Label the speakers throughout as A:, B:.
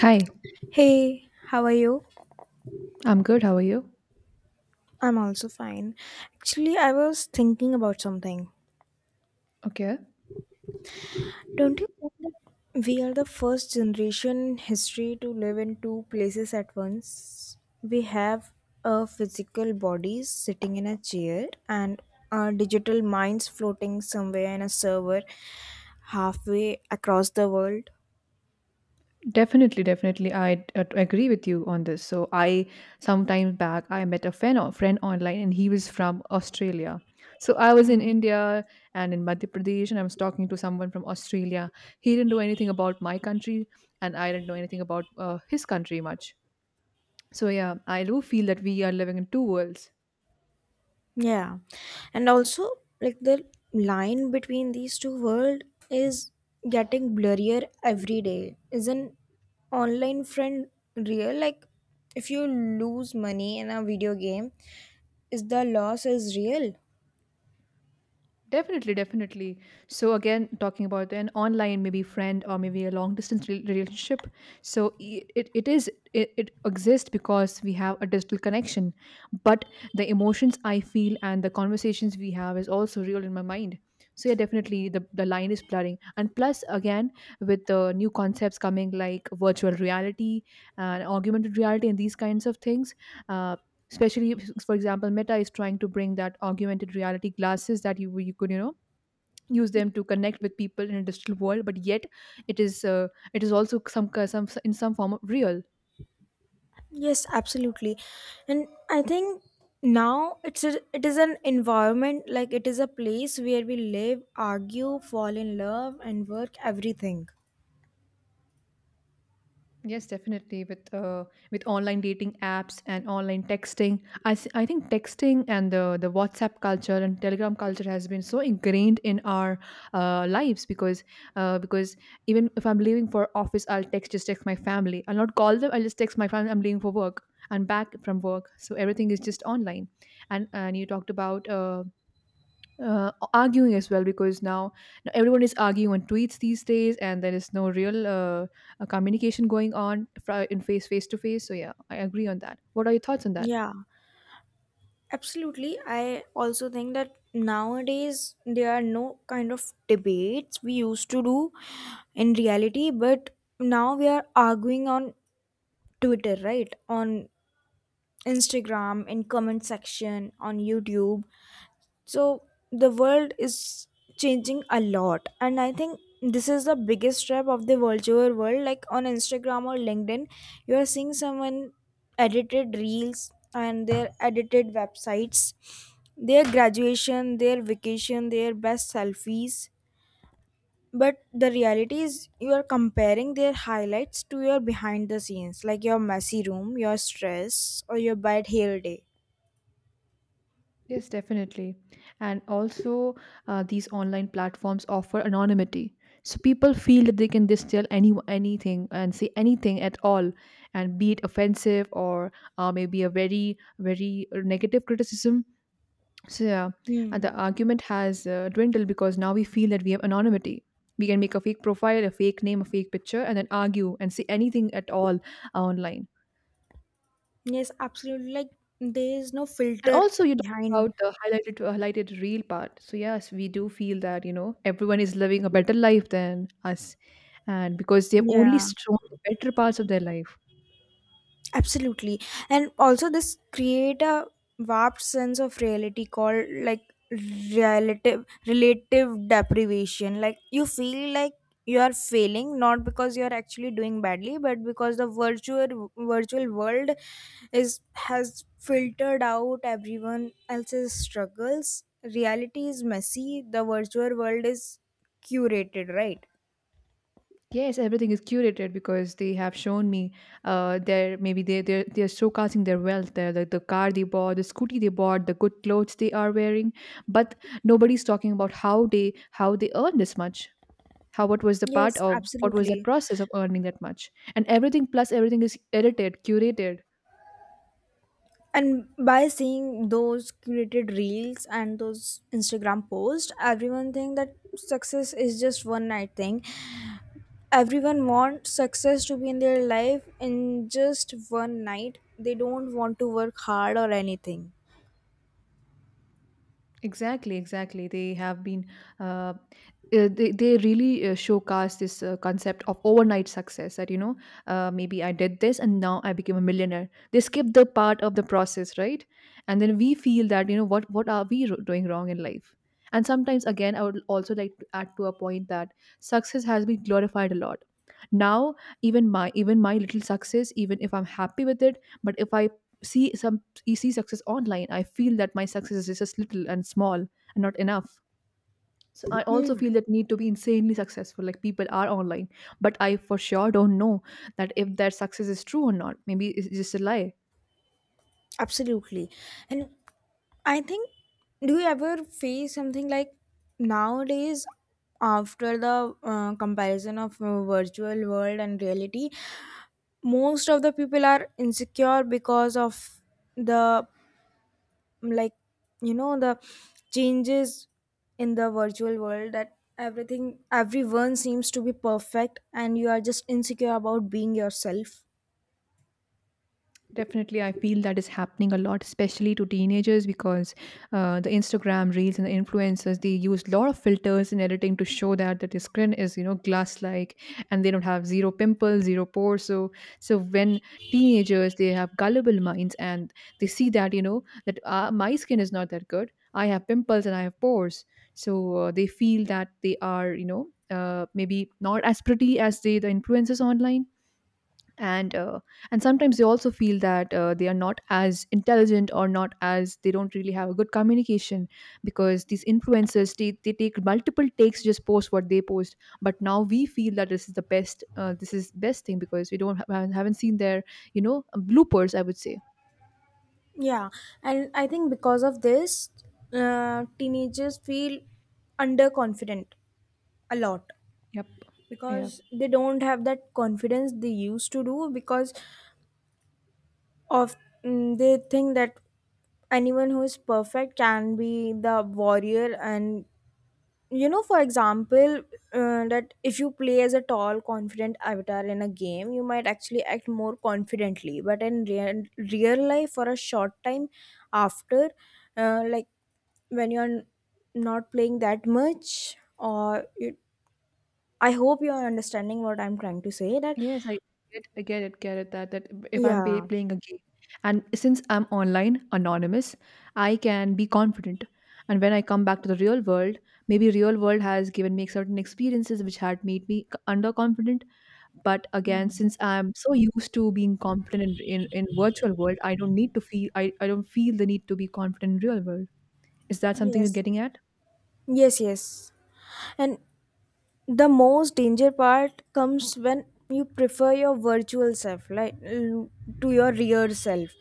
A: Hi,
B: Hey, how are you?
A: I'm good. How are you?
B: I'm also fine. Actually, I was thinking about something.
A: Okay.
B: Don't you think that we are the first generation in history to live in two places at once? We have our physical bodies sitting in a chair and our digital minds floating somewhere in a server halfway across the world.
A: Definitely, definitely. I agree with you on this. So I sometime back I met a friend online, and he was from Australia. So I was in
B: Hmm.
A: India and in Madhya Pradesh, and I was talking to someone from Australia. He didn't know anything about my country, and I didn't know anything about his country much. So yeah, I do feel that we are living in two worlds.
B: Yeah. And also, the line between these two worlds is getting blurrier every day. Is an online friend real? Like, if you lose money in a video game, is the loss is real?
A: Definitely, definitely. So again, talking about an online maybe friend or maybe a long distance relationship. So it exists because we have a digital connection, but the emotions I feel and the conversations we have is also real in my mind. So yeah, definitely the line is blurring. And plus, again, with the new concepts coming like virtual reality and augmented reality and these kinds of things, uh, especially for example, meta is trying to bring that augmented reality glasses that you could you know use them to connect with people in a digital world, but yet it is uh, it is also some in some form of real.
B: Yes, absolutely. And I think now it is an environment like it is a place where we live, argue, fall in love, and work everything.
A: Yes, definitely. With online dating apps and online texting, I think texting and the WhatsApp culture and Telegram culture has been so ingrained in our lives because even if I'm leaving for office, I'll text just text my family. I'll not call them. I'll just text my family. I'm leaving for work. I'm back from work, so everything is just online. And you talked about arguing as well because now everyone is arguing on tweets these days, and there is no real communication going on in face to face. So yeah, I agree on that. What are your thoughts on that?
B: Yeah. Absolutely. I also think that nowadays there are no kind of debates we used to do in reality, but now we are arguing on Twitter, right? On Instagram, in comment section, on YouTube. So the world is changing a lot, and I think this is the biggest trap of the virtual world, like on Instagram or LinkedIn. You are seeing someone, edited reels and their edited websites, their graduation, their vacation, their best selfies, but the reality is you are comparing their highlights to your behind the scenes, like your messy room, your stress, or your bad hair day.
A: Yes, definitely. And also, these online platforms offer anonymity. So people feel that they can just tell anything and say anything at all, and be it offensive or maybe a very very negative criticism. So yeah, and
B: Hmm.
A: the argument has dwindled because now we feel that we have anonymity. We can make a fake profile, a fake name, a fake picture, and then argue and say anything at all online.
B: Yes, absolutely. Like there is no
A: And
B: filter
A: also, you talk
B: behind.
A: about the highlighted real part. So yes, we do feel that you know everyone is living a better life than us, and because they have only
B: Yeah.
A: shown the better parts of their life.
B: Absolutely. And also this create a warped sense of reality called like relative deprivation. Like you feel like you are failing not because you are actually doing badly but because the virtual world is has filtered out everyone else's struggles. Reality is messy, the virtual world is curated, right?
A: Yes, everything is curated because they have shown me their maybe they're showcasing their wealth, the car they bought, the scooty they bought, the good clothes they are wearing, but nobody's talking about how they earned this much, how what was the
B: Yes, absolutely.
A: process of earning that much, and everything plus everything is edited, curated.
B: And by seeing those curated reels and those Instagram posts, everyone think that success is just one night thing. Everyone wants success to be in their life in just one night. They don't want to work hard or anything.
A: Exactly, exactly. They have been, uh, they really showcase this concept of overnight success that, you know, maybe I did this and now I became a millionaire. They skip the part of the process, right? And then we feel that, you know, what are we doing wrong in life? And sometimes, again, I would also like to add to a point that success has been glorified a lot. Now, even my little success, even if I'm happy with it, but if I see some you see success online, I feel that my success is just little and small and not enough. So I also
B: Hmm,
A: feel that need to be insanely successful. Like, people are online, but I for sure don't know that if their success is true or not. Maybe it's just a lie.
B: absolutely. And I think, do you ever face something like nowadays, after the comparison of virtual world and reality, most of the people are insecure because of the, like, you know, the changes in the virtual world that everything, everyone seems to be perfect and you are just insecure about being yourself.
A: Definitely, I feel that is happening a lot, especially to teenagers, because the Instagram reels and the influencers, they use a lot of filters and editing to show that the skin is you know glass-like, and they don't have zero pimples, zero pores. So when teenagers, they have gullible minds, and they see that you know that my skin is not that good, I have pimples and I have pores, so they feel that they are you know maybe not as pretty as the influencers online, and uh, and sometimes they also feel that they are not as intelligent or not as they don't really have a good communication, because these influencers, they take multiple takes, just post what they post, but now we feel that this is the best this is best thing because we don't have, haven't seen their you know bloopers, I would say.
B: Yeah. And I think because of this, teenagers feel underconfident a lot
A: Yep. Yeah.
B: because they don't have that confidence they used to do, because of, they think that anyone who is perfect can be the warrior, and you know, for example, that if you play as a tall confident avatar in a game, you might actually act more confidently, but in real, real life for a short time after, like when not playing that much, or you, I hope you're understanding what I'm trying to say that.
A: Yes, I get it that if
B: Yeah.
A: playing a game, and since I'm online, anonymous, I can be confident. And when I come back to the real world, maybe real world has given me certain experiences which had made me underconfident. But again,
B: Mhm.
A: since I'm so used to being confident in virtual world, I don't feel the need to be confident in real world. Is that something you're
B: Yes,
A: getting at?
B: yes, yes. And the most danger part comes when you prefer your virtual self, to your real self.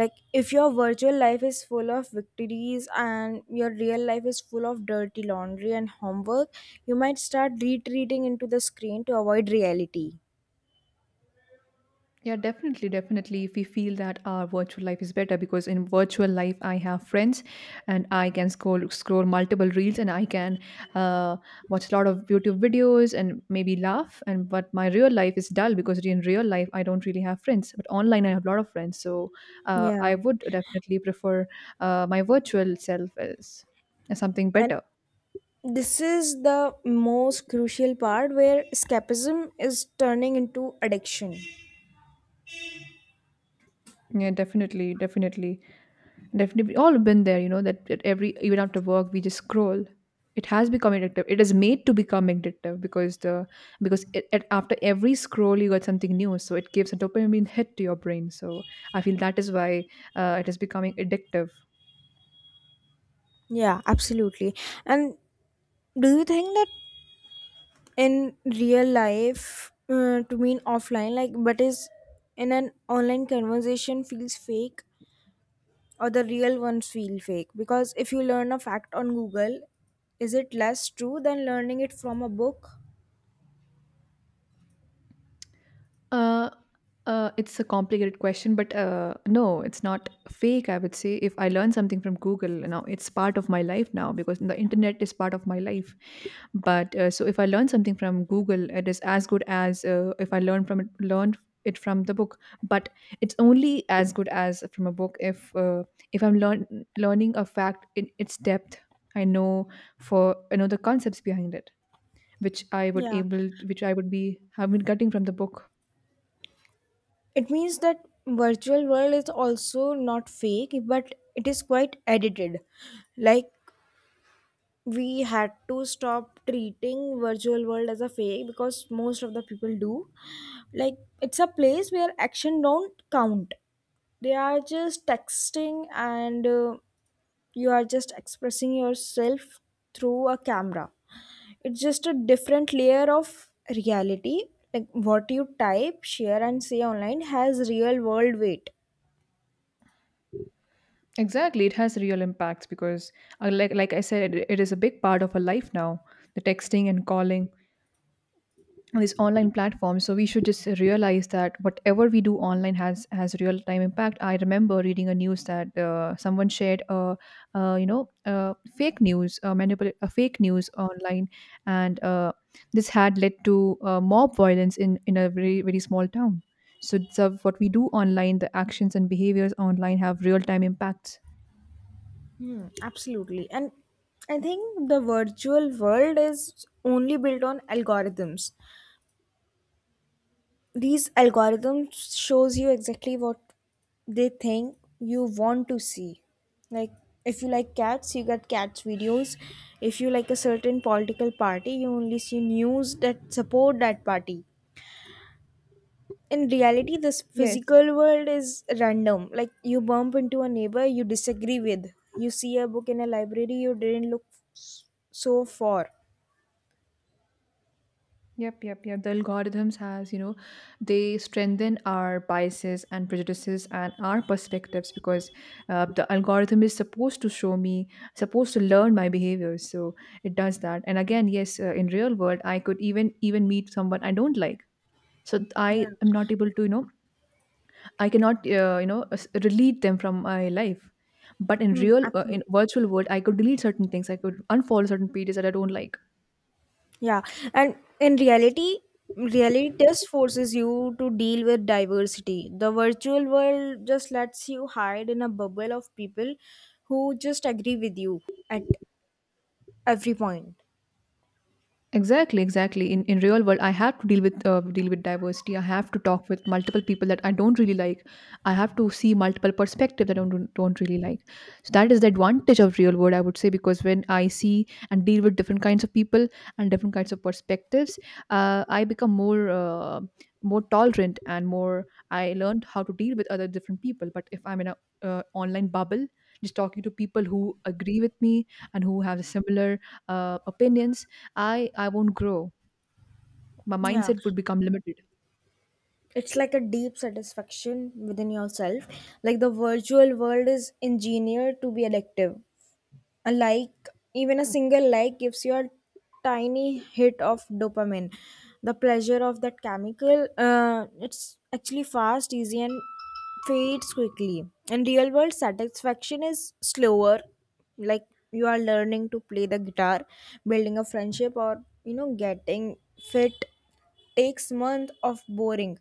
B: Like, if your virtual life is full of victories and your real life is full of dirty laundry and homework, you might start retreating into the screen to avoid reality.
A: Yeah, definitely, definitely. If we feel that our virtual life is better, because in virtual life I have friends, and I can scroll multiple reels, and I can uh, watch a lot of YouTube videos, and maybe laugh. And but my real life is dull because in real life I don't really have friends. But online I have a lot of friends, so
B: Yeah.
A: I would definitely prefer my virtual self as something
B: And
A: better.
B: this is the most crucial part where escapism is turning into addiction.
A: Yeah, definitely, definitely. Definitely, we all been there. You know that at every even after work we just scroll. It has become addictive. It is made to become addictive because the because it, after every scroll you got something new, so it gives a dopamine hit to your brain. So I feel that is why it is becoming addictive.
B: Yeah, absolutely. And do you think that in real life, to mean offline, like, but is in an online conversation feels fake or the real ones feel fake, because if you learn a fact on Google, is it less true than learning it from a book?
A: Uh, it's a complicated question, but no, it's not fake. I would say if I learn something from Google now, it's part of my life now because the internet is part of my life. But so if I learn something from Google, it is as good as if I learned it from the book. But it's only as good as from a book if I'm learning a fact in its depth. I know I know the concepts behind it, which
B: Yeah,
A: which I would be have been getting from the book.
B: it means that virtual world is also not fake, but it is quite edited. Like, we had to stop treating virtual world as a fake, because most of the people do. Like, it's a place where action don't count. They are just texting, and you are just expressing yourself through a camera. It's just a different layer of reality. Like, what you type, share, and say online has real world weight.
A: Exactly, it has real impacts because, like I said, it is a big part of our life now. The texting and calling, and these online platforms. So we should just realize that whatever we do online has real time impact. I remember reading a news that someone shared a, fake news, a fake news online, and this had led to mob violence in a very very small town. So what we do online, the actions and behaviors online have real time impacts.
B: Hmm, absolutely. And I think the virtual world is only built on algorithms. These algorithms shows you exactly what they think you want to see. Like, if you like cats, you get cats videos. If you like a certain political party, you only see news that support that party. In reality, this
A: Yes,
B: physical world is random, like you bump into a neighbor you disagree with, you see a book in a library you didn't look. s- so for,
A: yep, yep, yep. The algorithms has, you know, they strengthen our biases and prejudices and our perspectives, because the algorithm is supposed to show me, supposed to learn my behavior. So it does that. And again, yes, in real world, I could even meet someone I don't like. So I
B: yeah.
A: am not able to, you know, I cannot, delete them from my life. But in
B: Hmm, absolutely.
A: in virtual world, I could delete certain things. I could unfollow certain pages that I don't like.
B: Yeah, and in reality, reality test forces you to deal with diversity. The virtual world just lets you hide in a bubble of people who just agree with you at every point.
A: Exactly, exactly. In real world, I have to deal with diversity. I have to talk with multiple people that I don't really like. I have to see multiple perspectives that I don't really like. So that is the advantage of real world, I would say, because when I see and deal with different kinds of people and different kinds of perspectives, I become more more tolerant and more. I learned how to deal with other different people. But if I'm in a online bubble, just talking to people who agree with me and who have similar opinions, I won't grow. My
B: Yeah,
A: mindset would become limited.
B: it's like a deep satisfaction within yourself. Like, the virtual world is engineered to be addictive. A like, even a single like, gives you a tiny hit of dopamine. The pleasure of that chemical, it's actually fast, easy, and fades quickly. In real world, satisfaction is slower. Like, you are learning to play the guitar, building a friendship, or you know, getting fit, takes months of boring,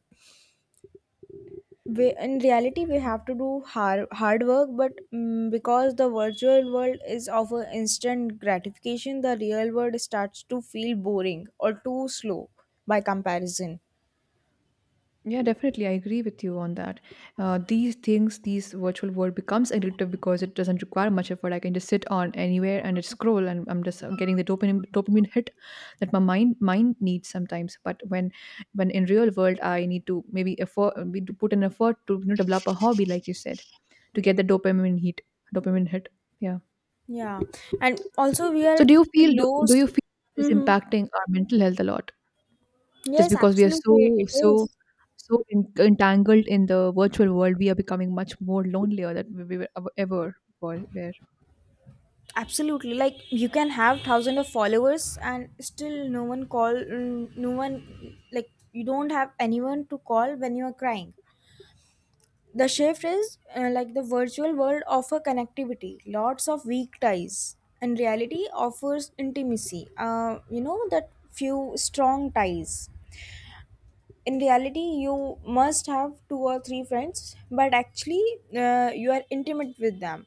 B: we, in reality we have to do hard work, but because the virtual world is of a instant gratification, the real world starts to feel boring or too slow by comparison.
A: Yeah, definitely. I agree with you on that. These things, these virtual world becomes addictive because it doesn't require much effort. I can just sit on anywhere and just scroll, and I'm just getting the dopamine hit that my mind needs sometimes. But when in real world, I need to maybe effort we do put an effort to develop a hobby, like you said, to get the dopamine hit, dopamine hit. Yeah.
B: Yeah, and also we are,
A: So
B: we
A: do
B: lose,
A: you feel this
B: mm-hmm.
A: impacting our mental health a lot? Just
B: Yes,
A: because we are
B: absolutely it is.
A: so entangled in the virtual world, we are becoming much more lonelier than we were ever were.
B: Absolutely. Like, you can have thousand of followers and still no one call, no one like, you don't have anyone to call when you are crying. The shift is like the virtual world offer connectivity, lots of weak ties, and reality offers intimacy. You know that few strong ties. In reality, you must have two or three friends, but actually, you are intimate with them.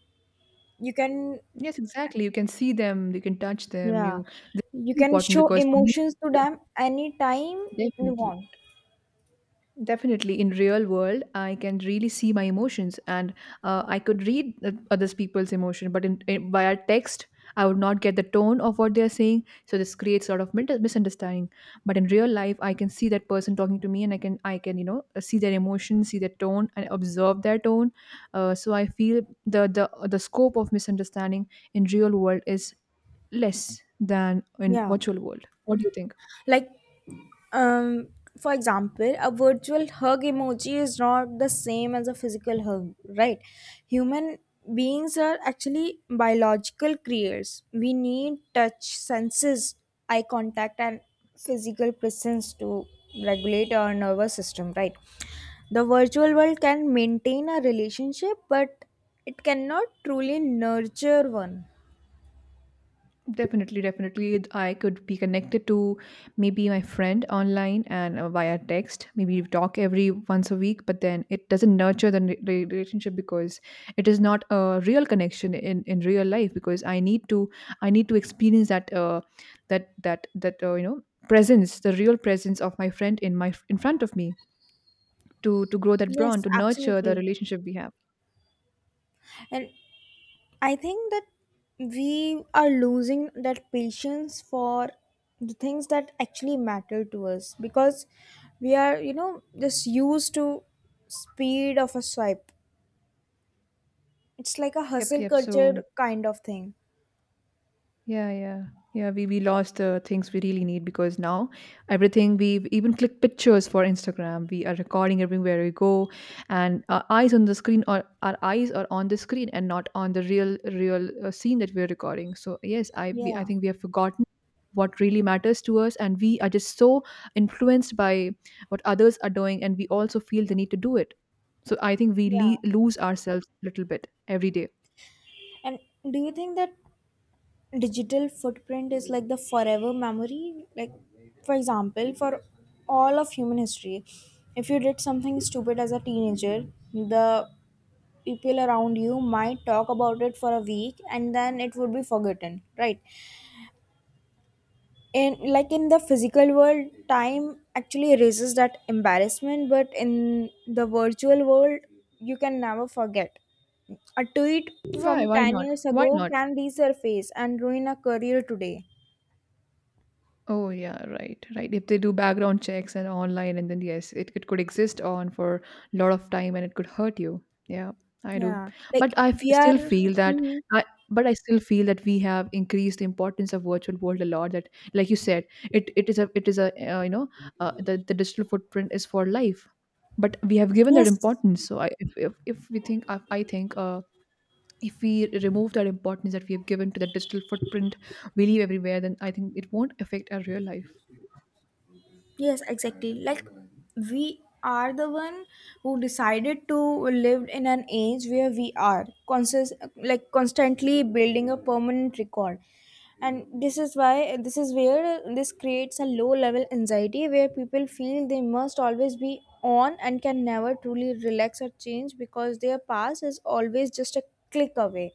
B: You can,
A: Yes, exactly. You can see them, you can touch them.
B: yeah,
A: You, this
B: you
A: is
B: can
A: important
B: show
A: because for me,
B: emotions to them anytime
A: yeah,
B: you
A: definitely.
B: want.
A: Definitely, in real world, I can really see my emotions, and I could read others people's emotion. But in via text, I would not get the tone of what they are saying, so this creates sort of misunderstanding. But in real life, I can see that person talking to me, and I can see their emotion, see their tone, and observe their tone. So I feel the scope of misunderstanding in real world is less than in
B: Yeah,
A: virtual world. What do you think?
B: like, Um, for example, a virtual hug emoji is not the same as a physical hug, right? Human beings are actually biological creatures. We need touch, senses, eye contact, and physical presence to regulate our nervous system, right? The virtual world can maintain a relationship, but it cannot truly nurture one.
A: Definitely, definitely. I could be connected to maybe my friend online and via text. Maybe we talk every once a week, but then it doesn't nurture the relationship because it is not a real connection in real life. Because I need to experience that presence, the real presence of my friend in my in front of me to grow that
B: Yes,
A: bond, to nurture the
B: absolutely.
A: relationship we have.
B: And I think that we are losing that patience for the things that actually matter to us, because we are, you know, just used to speed of a swipe. It's like a
A: Yep,
B: hustle
A: yep.
B: culture
A: So
B: kind of thing.
A: Yeah, yeah. Yeah, we lost the things we really need because now everything, we even click pictures for Instagram. We are recording everywhere we go, and our eyes are on the screen and not on the real real scene that we are recording. So yes, I
B: Yeah.
A: think we have forgotten what really matters to us, and we are just so influenced by what others are doing, and we also feel the need to do it. So I think we
B: Yeah.
A: lose ourselves a little bit every day.
B: And do you think that digital footprint is like the forever memory? Like, for example, for all of human history, if you did something stupid as a teenager, the people around you might talk about it for a week and then it would be forgotten, right? In, like, in the physical world, time actually erases that embarrassment, but in the virtual world, you can never forget. A tweet
A: Why?
B: from
A: Why
B: 10
A: not?
B: years
A: Why
B: ago
A: not?
B: can resurface and ruin a career today.
A: Oh yeah, right, right. If they do background checks and online, and then yes, it could exist on for a lot of time, and it could hurt you. Yeah, I do.
B: Yeah,
A: But
B: like
A: I f-
B: we
A: still
B: are,
A: feel that
B: mhm.
A: I. But I still feel that we have increased the importance of virtual world a lot. That, like you said, it it is a you know the digital footprint is for life, but we have given that
B: Yes.
A: importance. So I if we think I think if we remove that importance that we have given to the digital footprint we leave everywhere, then I think it won't affect our real life.
B: Yes, exactly. Like, we are the one who decided to live in an age where we are conscious, like constantly building a permanent record. And this is why, this is where this creates a low level anxiety where people feel they must always be on and can never truly relax or change because their past is always just a click away.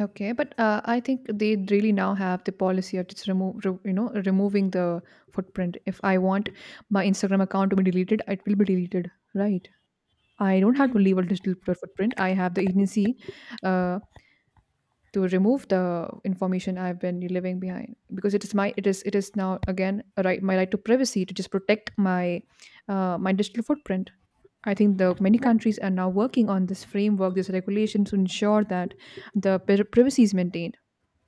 A: Okay, but I think they really now have the policy of just remove re- you know removing the footprint. If I want my Instagram account to be deleted, it will be deleted, right? I don't have to
B: Hmm.
A: leave a digital footprint. I have the agency uh, to remove the information I've been leaving behind because it is it is now again a right, my right to privacy, to just protect my my digital footprint. I think the many
B: But,
A: countries are now working on this framework, this regulation to ensure that the privacy is maintained.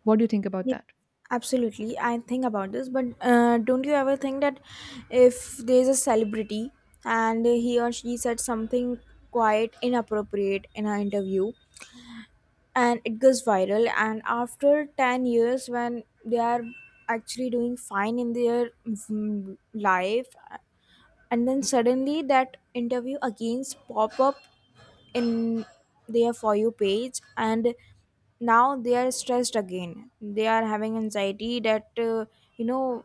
A: What do you think about
B: yes,
A: that?
B: absolutely. I think about this, but don't you ever think that if there's a celebrity and he or she said something quite inappropriate in an interview and it goes viral, and after 10 years, when they are actually doing fine in their, life, and then suddenly that interview again pop up in their for you page, and now they are stressed again, they are having anxiety that, you know,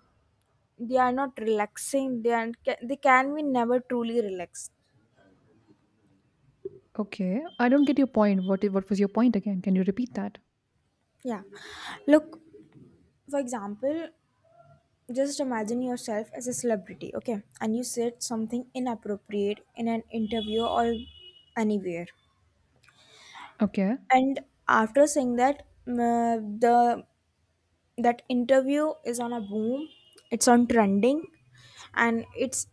B: they are not relaxing, they are, they can be never truly relaxed.
A: Okay, I don't get your point. What what was your point again? Can you repeat that?
B: Yeah, look, for example, just imagine yourself as a celebrity, okay, and you said something inappropriate in an interview or anywhere,
A: Okay,
B: and after saying that, the, that interview is on a boom, it's on trending, and it's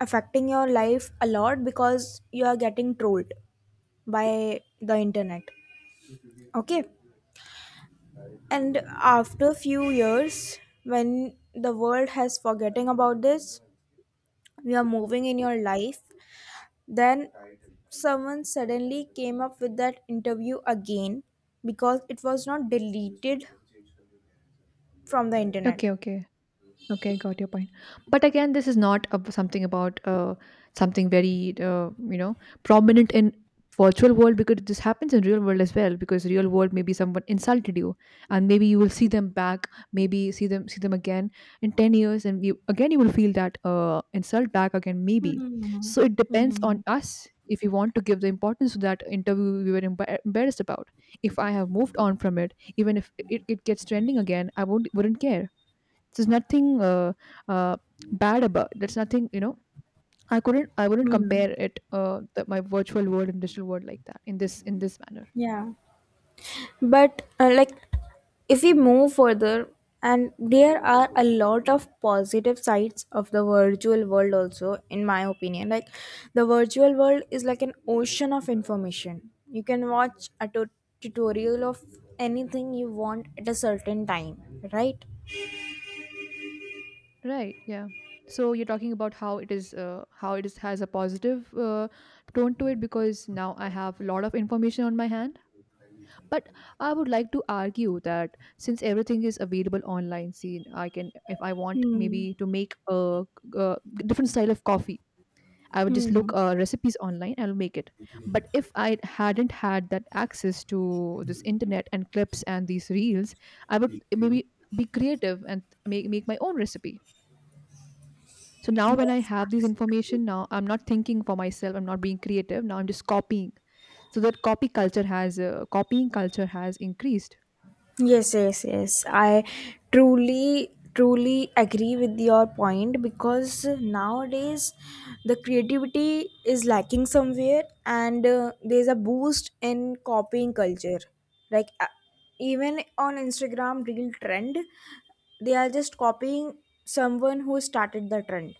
B: affecting your life a lot because you are getting trolled by the internet, okay? And after few years, when the world has forgetting about this, you are moving in your life, then someone suddenly came up with that interview again because it was not deleted from the internet.
A: okay, okay. Okay, I got your point. But again, this is not something about something very prominent in virtual world, because this happens in real world as well. Because real world, maybe someone insulted you, and maybe you will see them back, maybe see them again in 10 years, and again you will feel that insult back again, maybe.
B: Hmm.
A: So it depends
B: Hmm.
A: on us if we want to give the importance to that interview we were embarrassed about. If I have moved on from it, even if it gets trending again, I won't wouldn't care. There's nothing uh, bad about. There's nothing, you know. I couldn't. I wouldn't
B: Hmm.
A: compare it. My virtual world and digital world like that in this manner.
B: Yeah, but like if we move further, and there are a lot of positive sides of the virtual world, also, in my opinion. Like, the virtual world is like an ocean of information. You can watch a tutorial of anything you want at a certain time, right?
A: Right, yeah. So you're talking about how it is, has a positive tone to it because now I have a lot of information on my hand. But I would like to argue that since everything is available online, see, I can, if I want
B: Hmm.
A: maybe to make a different style of coffee, I would just look
B: Hmm.
A: recipes online, and I'll make it. But if I hadn't had that access to this internet and clips and these reels, I would maybe be creative and make my own recipe. So now when I
B: Yes,
A: have this
B: absolutely.
A: information, now I'm not thinking for myself. I'm not being creative. Now I'm just copying. So that copying culture has increased.
B: Yes, yes, yes. I truly, truly agree with your point because nowadays the creativity is lacking somewhere, and there's a boost in copying culture. Like, even on Instagram Real Trend, they are just copying someone who started the trend.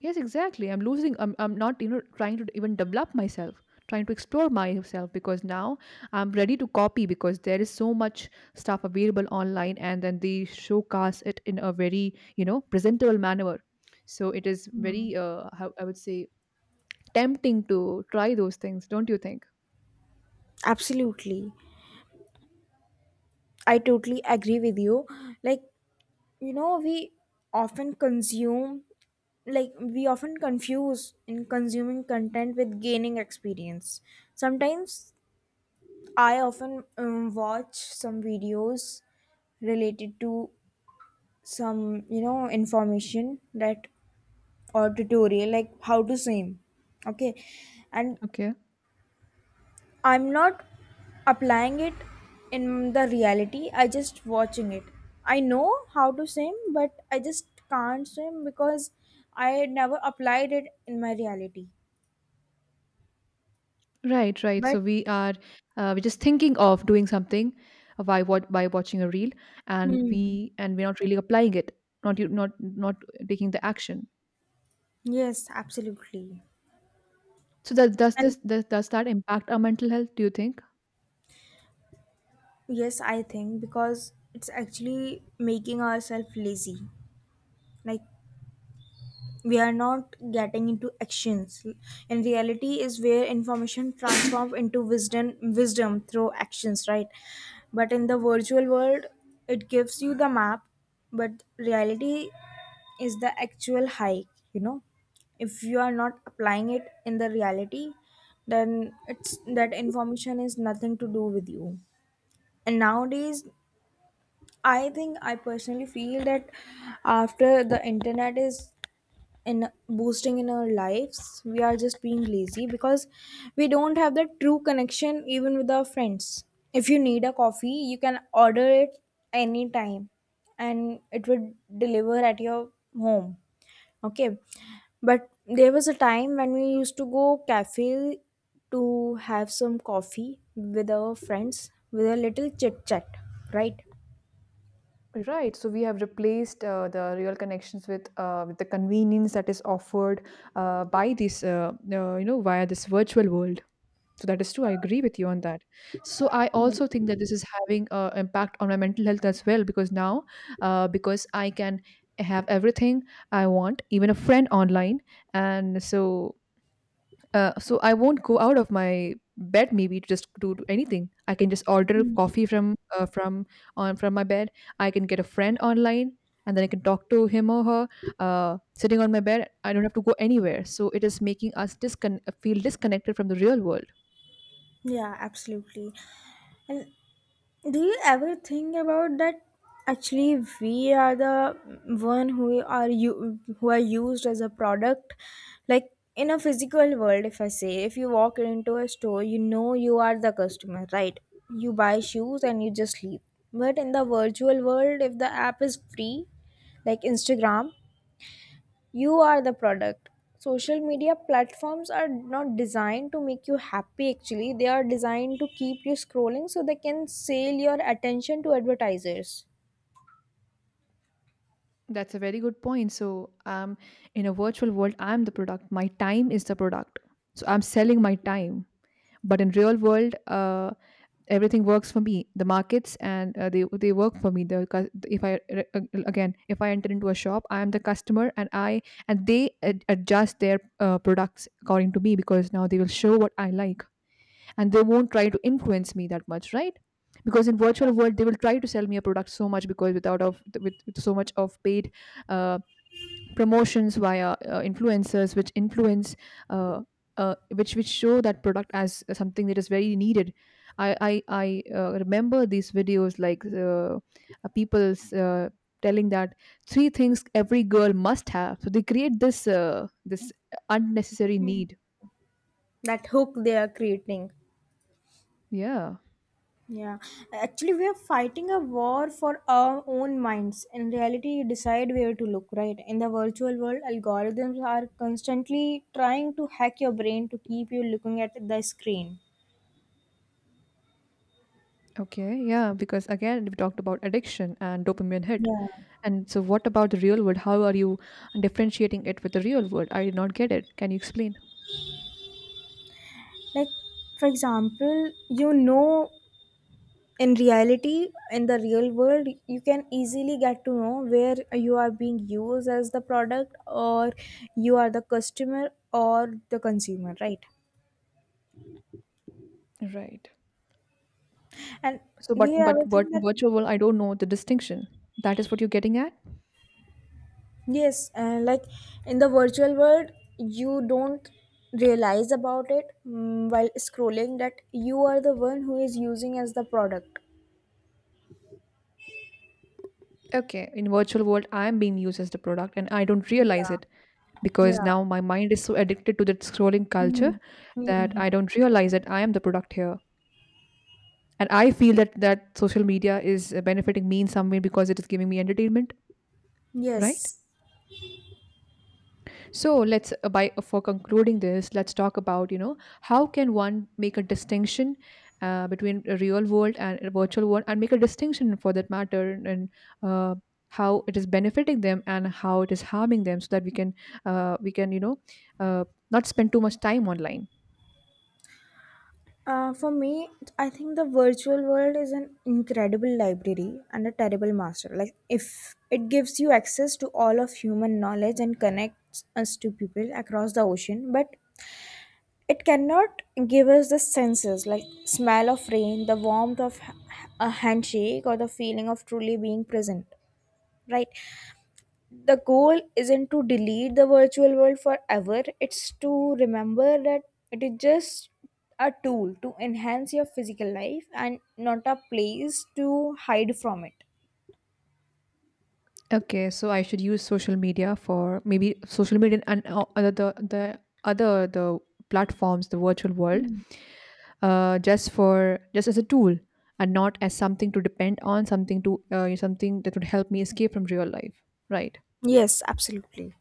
A: Yes, exactly. I'm not, you know, trying to even develop myself, trying to explore myself because now I'm ready to copy because there is so much stuff available online, and then they showcase it in a very, you know, presentable manner. So it is very, how I would say, tempting to try those things, don't you think?
B: Absolutely. I totally agree with you. Like, you know, often consume we often confuse in consuming content with gaining experience. Sometimes I often watch some videos related to some, you know, information that or tutorial like how to swim, okay? And
A: Okay.
B: I'm not applying it in the reality, I just watching it. I know how to swim, but I just can't swim because I never applied it in my reality.
A: Right, right.
B: But,
A: So we are we're just thinking of doing something by what, by watching a reel, and
B: hmm,
A: we're not really applying it, not you, not not taking the action.
B: yes, absolutely.
A: So that does
B: And
A: this does that impact our mental health? Do you think?
B: yes, I think because it's actually making ourselves lazy. Like, we are not getting into actions, and reality is where information transforms into wisdom through actions, right? But in the virtual world, it gives you the map, but reality is the actual hike, you know? If you are not applying it in the reality, then it's, that information is nothing to do with you. And nowadays, I think I personally feel that after the internet is in boosting in our lives, we are just being lazy because we don't have that true connection even with our friends. If you need a coffee, you can order it anytime, and it would deliver at your home, okay? But there was a time when we used to go cafe to have some coffee with our friends with a little chit chat, right?
A: Right. So we have replaced the real connections with the convenience that is offered by this, via this virtual world. So that is true. I agree with you on that. So I also think that this is having an impact on my mental health as well because now, because I can have everything I want, even a friend online, and so I won't go out of my bed maybe to just do anything. I can just order coffee from my bed. I can get a friend online, and then I can talk to him or her sitting on my bed. I don't have to go anywhere. So it is making us feel disconnected from the real world.
B: Yeah, absolutely. And do you ever think about that actually we are the one who are, you who are used as a product? Like, in a physical world, if I say if you walk into a store, you know, you are the customer, right? You buy shoes and you just leave. But in the virtual world, if the app is free, like Instagram, you are the product. Social media platforms are not designed to make you happy, actually, they are designed to keep you scrolling so they can sell your attention to advertisers.
A: That's a very good point. So, in a virtual world, I'm the product. My time is the product. So I'm selling my time. But in real world, everything works for me, the markets, and they work for me, the if again if I enter into a shop, I am the customer, and I and they adjust their products according to me because now they will show what I like, and they won't try to influence me that much, right? Because in virtual world they will try to sell me a product so much because without of with so much of paid uh, promotions via influencers which influence uh, which show that product as something that is very needed. I remember these videos, like people's telling that three things every girl must have, so they create this this unnecessary need.
B: That hook they are creating.
A: Yeah.
B: Yeah, actually, we are fighting a war for our own minds. In reality, you decide where to look, right? In the virtual world, algorithms are constantly trying to hack your brain to keep you looking at the screen.
A: Okay, yeah, because again we talked about addiction and dopamine hit,
B: Yeah.
A: and so what about the real world? How are you differentiating it with the real world? I did not get it. Can you explain?
B: Like, for example, you know, in reality, in the real world, you can easily get to know where you are being used as the product or you are the customer or the consumer, right?
A: Right.
B: And
A: So,
B: we have a thing
A: but
B: that,
A: virtual, I don't know the distinction. That is what you're getting at.
B: yes, like in the virtual world you don't realize about it, while scrolling, that you are the one who is using as the product.
A: Okay, in virtual world, I am being used as the product, and I don't realize
B: Yeah.
A: it because
B: Yeah.
A: now my mind is so addicted to that scrolling culture
B: Mhm.
A: that
B: Mhm.
A: I don't realize that I am the product here, and I feel that that social media is benefiting me in some way because it is giving me entertainment, right?
B: Yes.
A: So let's, by for concluding this, let's talk about, you know, how can one make a distinction between a real world and a virtual world, and make a distinction for that matter, and uh, how it is benefiting them and how it is harming them, so that we can, uh, we can you know uh, not spend too much time online.
B: For me, I think the virtual world is an incredible library and a terrible master. Like, if it gives you access to all of human knowledge and connects us to people across the ocean, but it cannot give us the senses like smell of rain, the warmth of a handshake, or the feeling of truly being present. Right? The goal isn't to delete the virtual world forever, it's to remember that it is just a tool to enhance your physical life and not a place to hide from it.
A: Okay, so I should use social media for maybe social media and other the other the platforms, the virtual world, just for just as a tool, and not as something to depend on, something to something that would help me escape from real life. Right.
B: Yes, absolutely.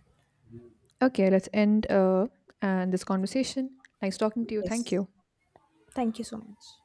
A: Okay, let's end and this conversation. Nice talking to you. Thank
B: Yes,
A: you.
B: thank you so much.